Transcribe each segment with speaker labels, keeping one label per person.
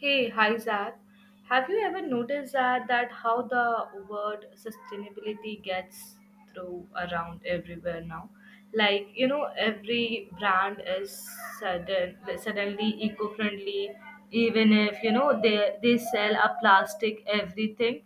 Speaker 1: Hey, hi Zach. Have you ever noticed that how the word sustainability gets through around everywhere now? Like you know, every brand is suddenly eco-friendly, even if you know they sell a plastic everything.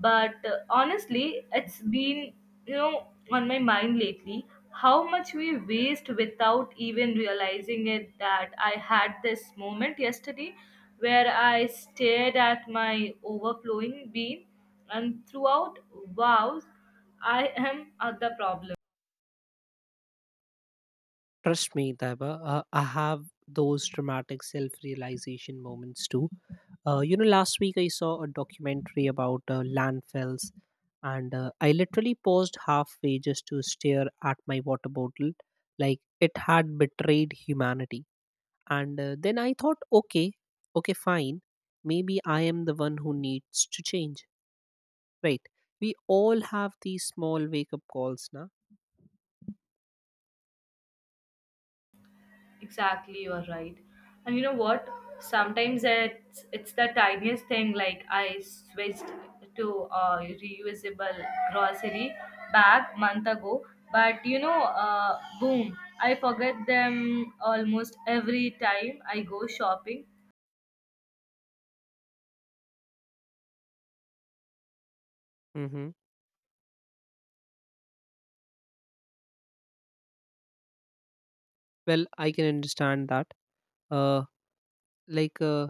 Speaker 1: But honestly, it's been, you know, on my mind lately how much we waste without even realizing it that I had this moment yesterday where I stared at my overflowing bean and throughout, wow, I am at the problem.
Speaker 2: Trust me, Taiba, I have those dramatic self realization moments too. Last week I saw a documentary about landfills, and I literally paused halfway just to stare at my water bottle like it had betrayed humanity. And then I thought, okay, okay, fine. Maybe I am the one who needs to change. Right. We all have these small wake up calls now.
Speaker 1: Exactly, you're right. And you know what? Sometimes it's the tiniest thing. Like I switched to a reusable grocery bag month ago, but you know, boom! I forget them almost every time I go shopping.
Speaker 2: Mm-hmm. Well, I can understand that. Uh, like uh,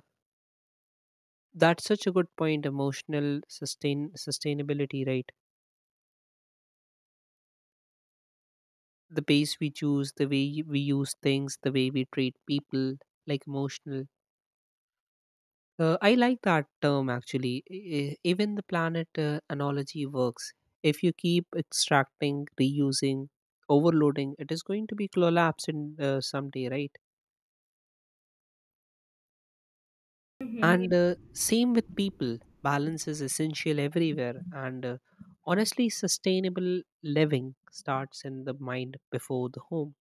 Speaker 2: that's such a good point. Emotional sustainability, right? The pace we choose, the way we use things, the way we treat people, like emotional. I like that term actually. Even the planet analogy works. If you keep extracting, reusing, overloading, it is going to be collapse in someday, right? And
Speaker 1: Mhm.
Speaker 2: same with people. Balance is essential everywhere. and honestly, sustainable living starts in the mind before the home.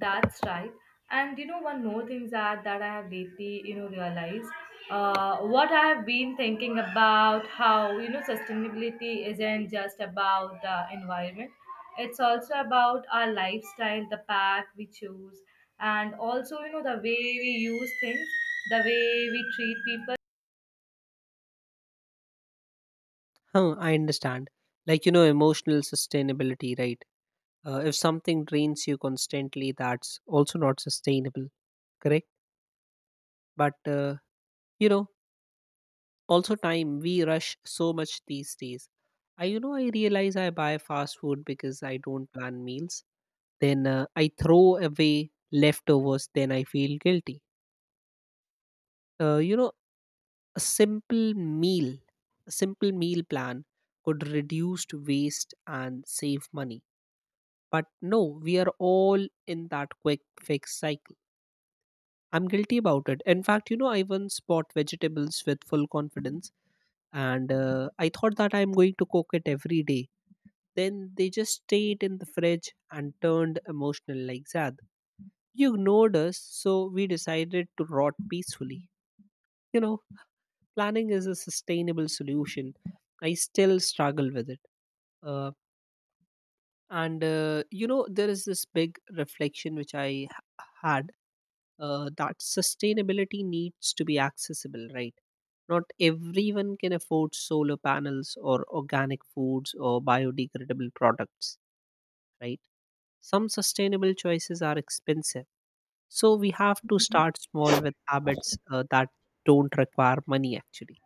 Speaker 1: That's right. And you know, one more thing that I have lately, you know, realized what I have been thinking about how you know sustainability isn't just about the environment; it's also about our lifestyle, the path we choose, and also you know the way we use things, the way we treat people.
Speaker 2: Huh, I understand. Like you know, emotional sustainability, right? If something drains you constantly, that's also not sustainable. Correct. But you know also time we rush so much these days. I you know i realize I buy fast food because I don't plan meals. Then I throw away leftovers, then I feel guilty. uh, you know a simple meal a simple meal plan could reduce waste and save money, but no, we are all in that quick fix cycle. I'm guilty about it. In fact, you know, I once bought vegetables with full confidence, and I thought that I'm going to cook it every day. Then they just stayed in the fridge and turned emotional, like, Zad, you ignored us, so we decided to rot peacefully. You know, planning is a sustainable solution. I still struggle with it. Uh, and You know, there is this big reflection which had, that sustainability needs to be accessible, right? Not everyone can afford solar panels or organic foods or biodegradable products, right? Some sustainable choices are expensive. So we have to
Speaker 1: Mhm.
Speaker 2: start small with habits that don't require money, actually,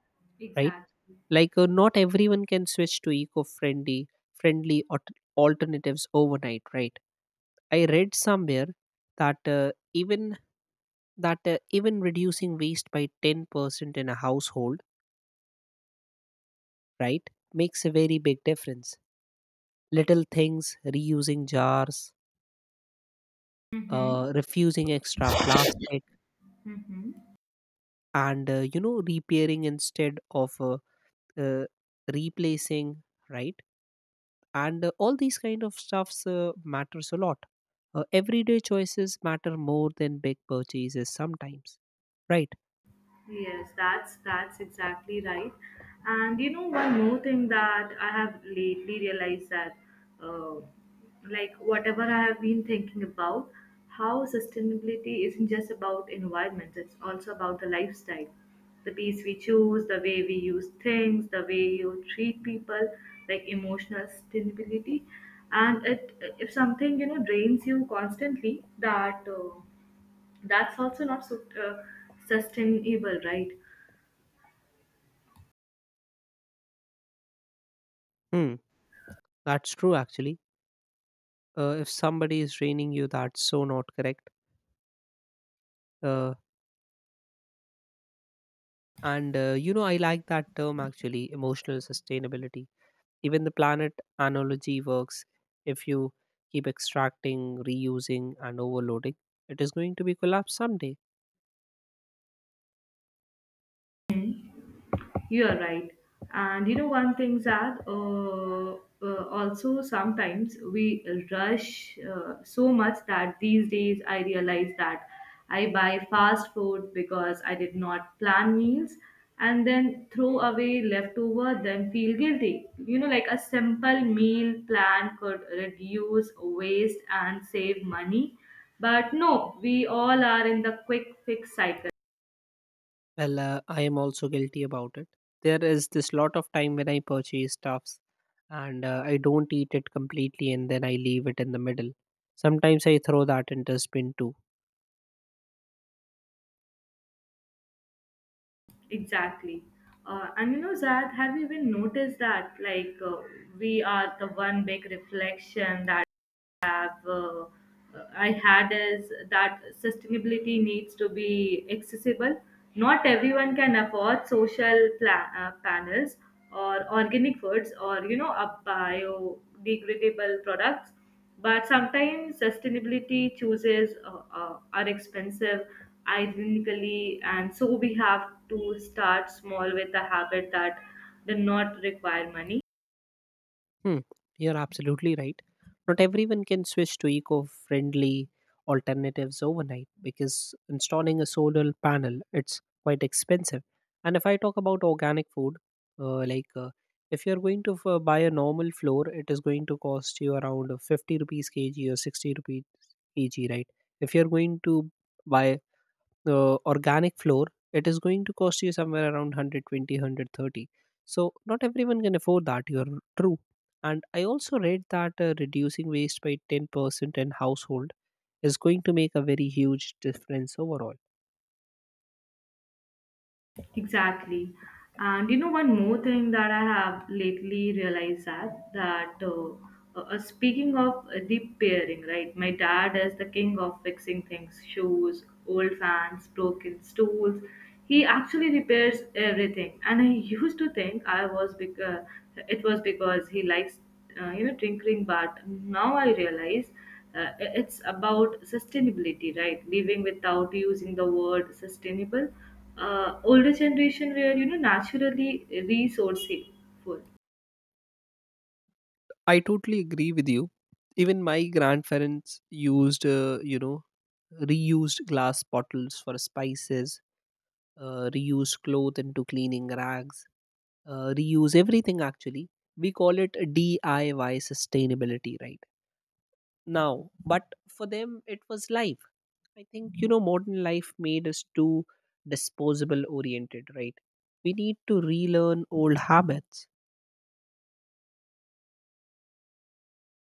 Speaker 2: right?
Speaker 1: Exactly.
Speaker 2: Like, not everyone can switch to eco friendly friendly alt- alternatives overnight, right? I read somewhere that even reducing waste by 10% in a household, right, makes a very big difference. Little things, reusing jars,
Speaker 1: Mm-hmm.
Speaker 2: refusing extra plastic,
Speaker 1: Mm-hmm.
Speaker 2: and you know, repairing instead of uh, replacing, right? And all these kind of stuffs matters a lot. Everyday choices matter more than big purchases sometimes, right?
Speaker 1: Yes, that's exactly right. And you know, one more thing that I have lately realized that, uh, like whatever I have been thinking about, how sustainability isn't just about environment; it's also about the lifestyle, the peace we choose, the way we use things, the way you treat people, like emotional sustainability. And it, if something you know drains you constantly, that's also not so, sustainable, right?
Speaker 2: Hmm, that's true actually. If somebody is draining you, that's so not correct. Uh, And you know, I like that term actually, emotional sustainability. Even the planet analogy works. If you keep extracting, reusing, and overloading, it is going to be collapsed someday.
Speaker 1: You're right. And you know, one thing, Zad, also sometimes we rush so much that these days I realize that I buy fast food because I did not plan meals and then throw away leftover, then feel guilty. You know, like a simple meal plan could reduce waste and save money. But no, we all are in the quick fix cycle.
Speaker 2: Well, I am also guilty about it. There is this lot of time when I purchase stuffs, and I don't eat it completely and then I leave it in the middle. Sometimes I throw that in dustbin too.
Speaker 1: Exactly. And you know, Zad, have you even noticed that? Like, we are the one big reflection that have I had is that sustainability needs to be accessible. Not everyone can afford social panels or organic foods or you know a biodegradable products. But sometimes sustainability chooses are expensive, ironically, and so we have to start small with a habit that do not require money.
Speaker 2: Hmm, you're absolutely right. Not everyone can switch to eco friendly alternatives overnight because installing a solar panel it's quite expensive. And if I talk about organic food, uh, like uh, if you're going to buy a normal flour, it is going to cost you around 50 rupees kg or 60 rupees kg, right? If you're going to buy the organic floor, it is going to cost you somewhere around 120. So not everyone can afford that. You're true. And I also read that reducing waste by 10% in household is going to make a very huge difference overall.
Speaker 1: Exactly. And you know, one more thing that I have lately realized that, speaking of the pairing, right? My dad is the king of fixing things, shoes, old fans, broken stools. He actually repairs everything, and I used to think I was because it was because he likes you know tinkering, but now I realize uh, it's about sustainability, right? Living without using the word sustainable, older generation were you know naturally resourceful.
Speaker 2: I totally agree with you. Even my grandparents used, reused glass bottles for spices, reused cloth into cleaning rags, reuse everything actually. We call it DIY sustainability, right, now, but for them it was life. I think, you know, modern life made us too disposable oriented, right? We need to relearn old habits.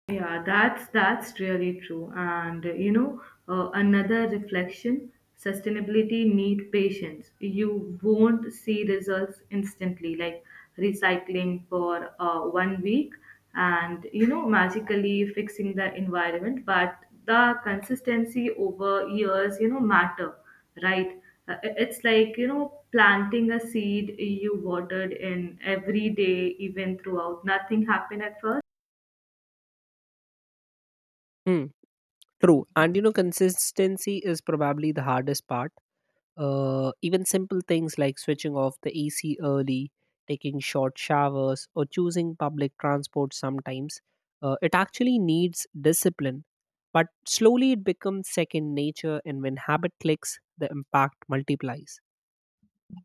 Speaker 1: Yeah, that's really true. And you know, another reflection, sustainability need patience. You won't see results instantly, like recycling for 1 week and you know, magically fixing the environment, but the consistency over years, you know, matter, right? It's like, you know, planting a seed you watered in every day, even throughout. Nothing happened at first.
Speaker 2: Hmm, true. And you know, consistency is probably the hardest part. Even simple things like switching off the AC early, taking short showers, or choosing public transport sometimes, it actually needs discipline. But slowly it becomes second nature, and when habit clicks, the impact multiplies.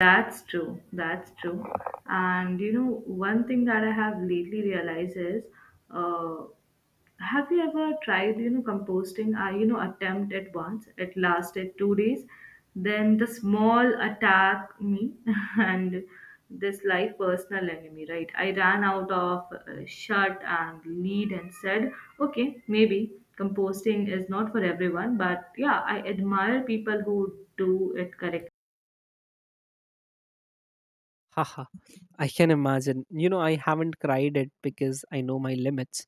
Speaker 1: That's true. That's true. And you know, one thing that I have lately realized is, uh, have you ever tried, you know, composting? I, you know, attempt at once. It lasted 2 days. Then the small attack me, and this like personal enemy, right? I ran out of shirt and lead and said, okay, maybe composting is not for everyone, but yeah, I admire people who do it correctly.
Speaker 2: Haha, I can imagine. You know, I haven't cried it because I know my limits.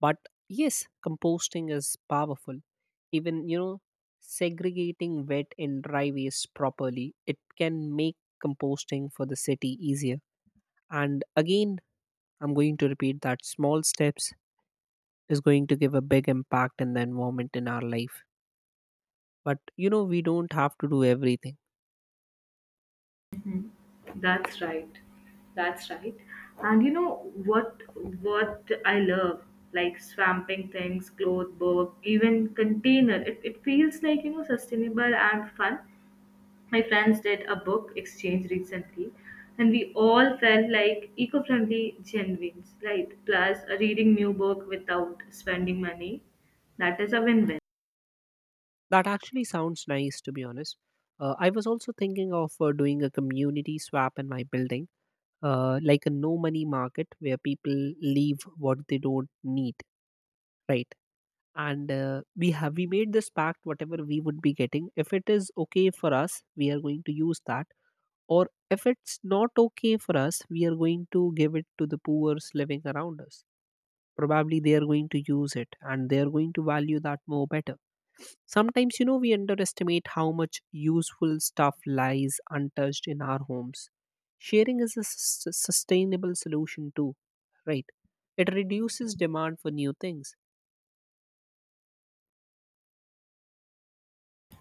Speaker 2: But yes, composting is powerful. Even, you know, segregating wet and dry waste properly, it can make composting for the city easier. And again, I'm going to repeat that small steps is going to give a big impact in the environment in our life. But, you know, we don't have to do everything.
Speaker 1: That's right. That's right. And you know what I love? Like swamping things, cloth, book, even container. It feels like, you know, sustainable and fun. My friends did a book exchange recently and we all felt like eco-friendly genuines, right? Plus reading new book without spending money. That is a win-win.
Speaker 2: That actually sounds nice, to be honest. I was also thinking of doing a community swap in my building, like a no money market where people leave what they don't need, right? And we made this pact: whatever we would be getting, if it is okay for us, we are going to use that, or if it's not okay for us, we are going to give it to the poor's living around us. Probably they are going to use it, and they are going to value that more better. Sometimes, you know, we underestimate how much useful stuff lies untouched in our homes. Sharing is a sustainable solution too, right? It reduces demand for new things.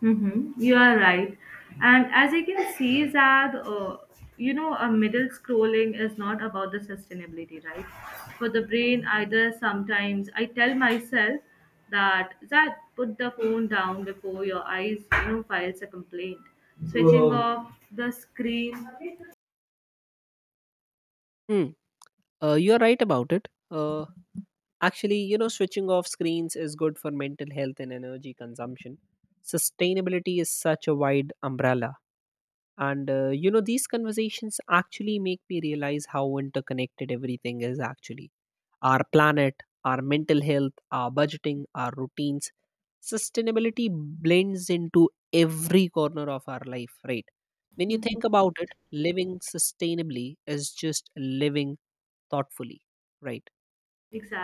Speaker 1: Mm-hmm. You are right. And as I can see, Zad, you know, a middle scrolling is not about the sustainability, right? For the brain, either sometimes I tell myself that, Zad, put the phone down before your eyes, you know, files a complaint. Switching Wow off the screen.
Speaker 2: Hmm. You're right about it. Actually, you know, switching off screens is good for mental health and energy consumption. Sustainability is such a wide umbrella. And you know, these conversations actually make me realize how interconnected everything is actually. Our planet, our mental health, our budgeting, our routines. Sustainability blends into every corner of our life, right? When you
Speaker 1: Mhm.
Speaker 2: think about it, living sustainably is just living thoughtfully, right?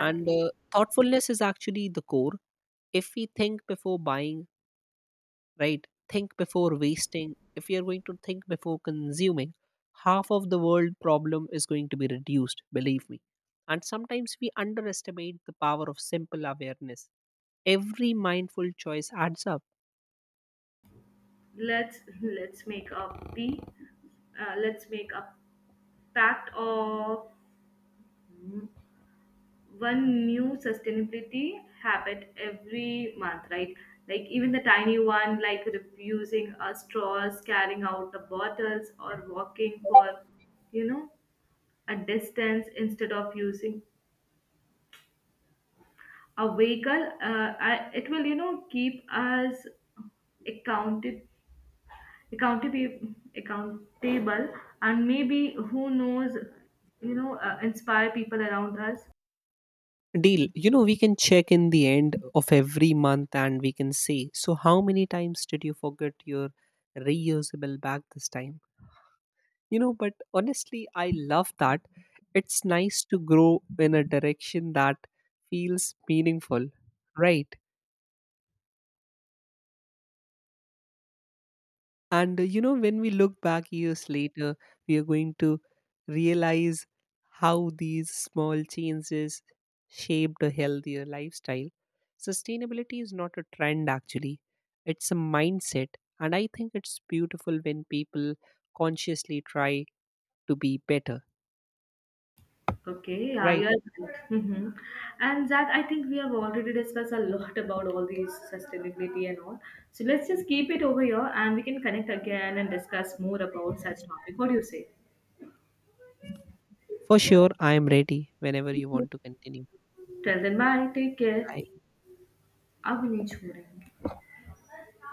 Speaker 2: And thoughtfulness is actually the core. If we think before buying, right? Think before wasting. If you're going to think before consuming, half of the world problem is going to be reduced, believe me. And sometimes we underestimate the power of simple awareness. Every mindful choice adds up.
Speaker 1: Let's make a P. Let's make a pact of mm-hmm, one new sustainability habit every month, right? Like even the tiny one, like refusing straws, carrying out the bottles, or walking for, you know, a distance instead of using a vehicle. It will, you know, keep us accounted, accountable, accountable, and maybe who knows, you know, inspire people around us.
Speaker 2: Deal, you know, we can check in the end of every month and we can say, so how many times did you forget your reusable bag this time? You know, but honestly, I love that. It's nice to grow in a direction that feels meaningful, right? And you know, when we look back years later, we are going to realize how these small changes shaped a healthier lifestyle. Sustainability is not a trend, actually, it's a mindset. And I think it's beautiful when people consciously try to be better,
Speaker 1: Okay, yeah, you
Speaker 2: right?
Speaker 1: are right. Hmm. And that I think we have already discussed a lot about all these sustainability and all. So let's just keep it over here and we can connect again and discuss more about such topic. What do you say?
Speaker 2: For sure, I am ready whenever you want to continue.
Speaker 1: Till
Speaker 2: Until
Speaker 1: then,
Speaker 2: then, take
Speaker 1: bye. Take care.
Speaker 2: care. Bye.
Speaker 1: अब नहीं छोड़ेंगे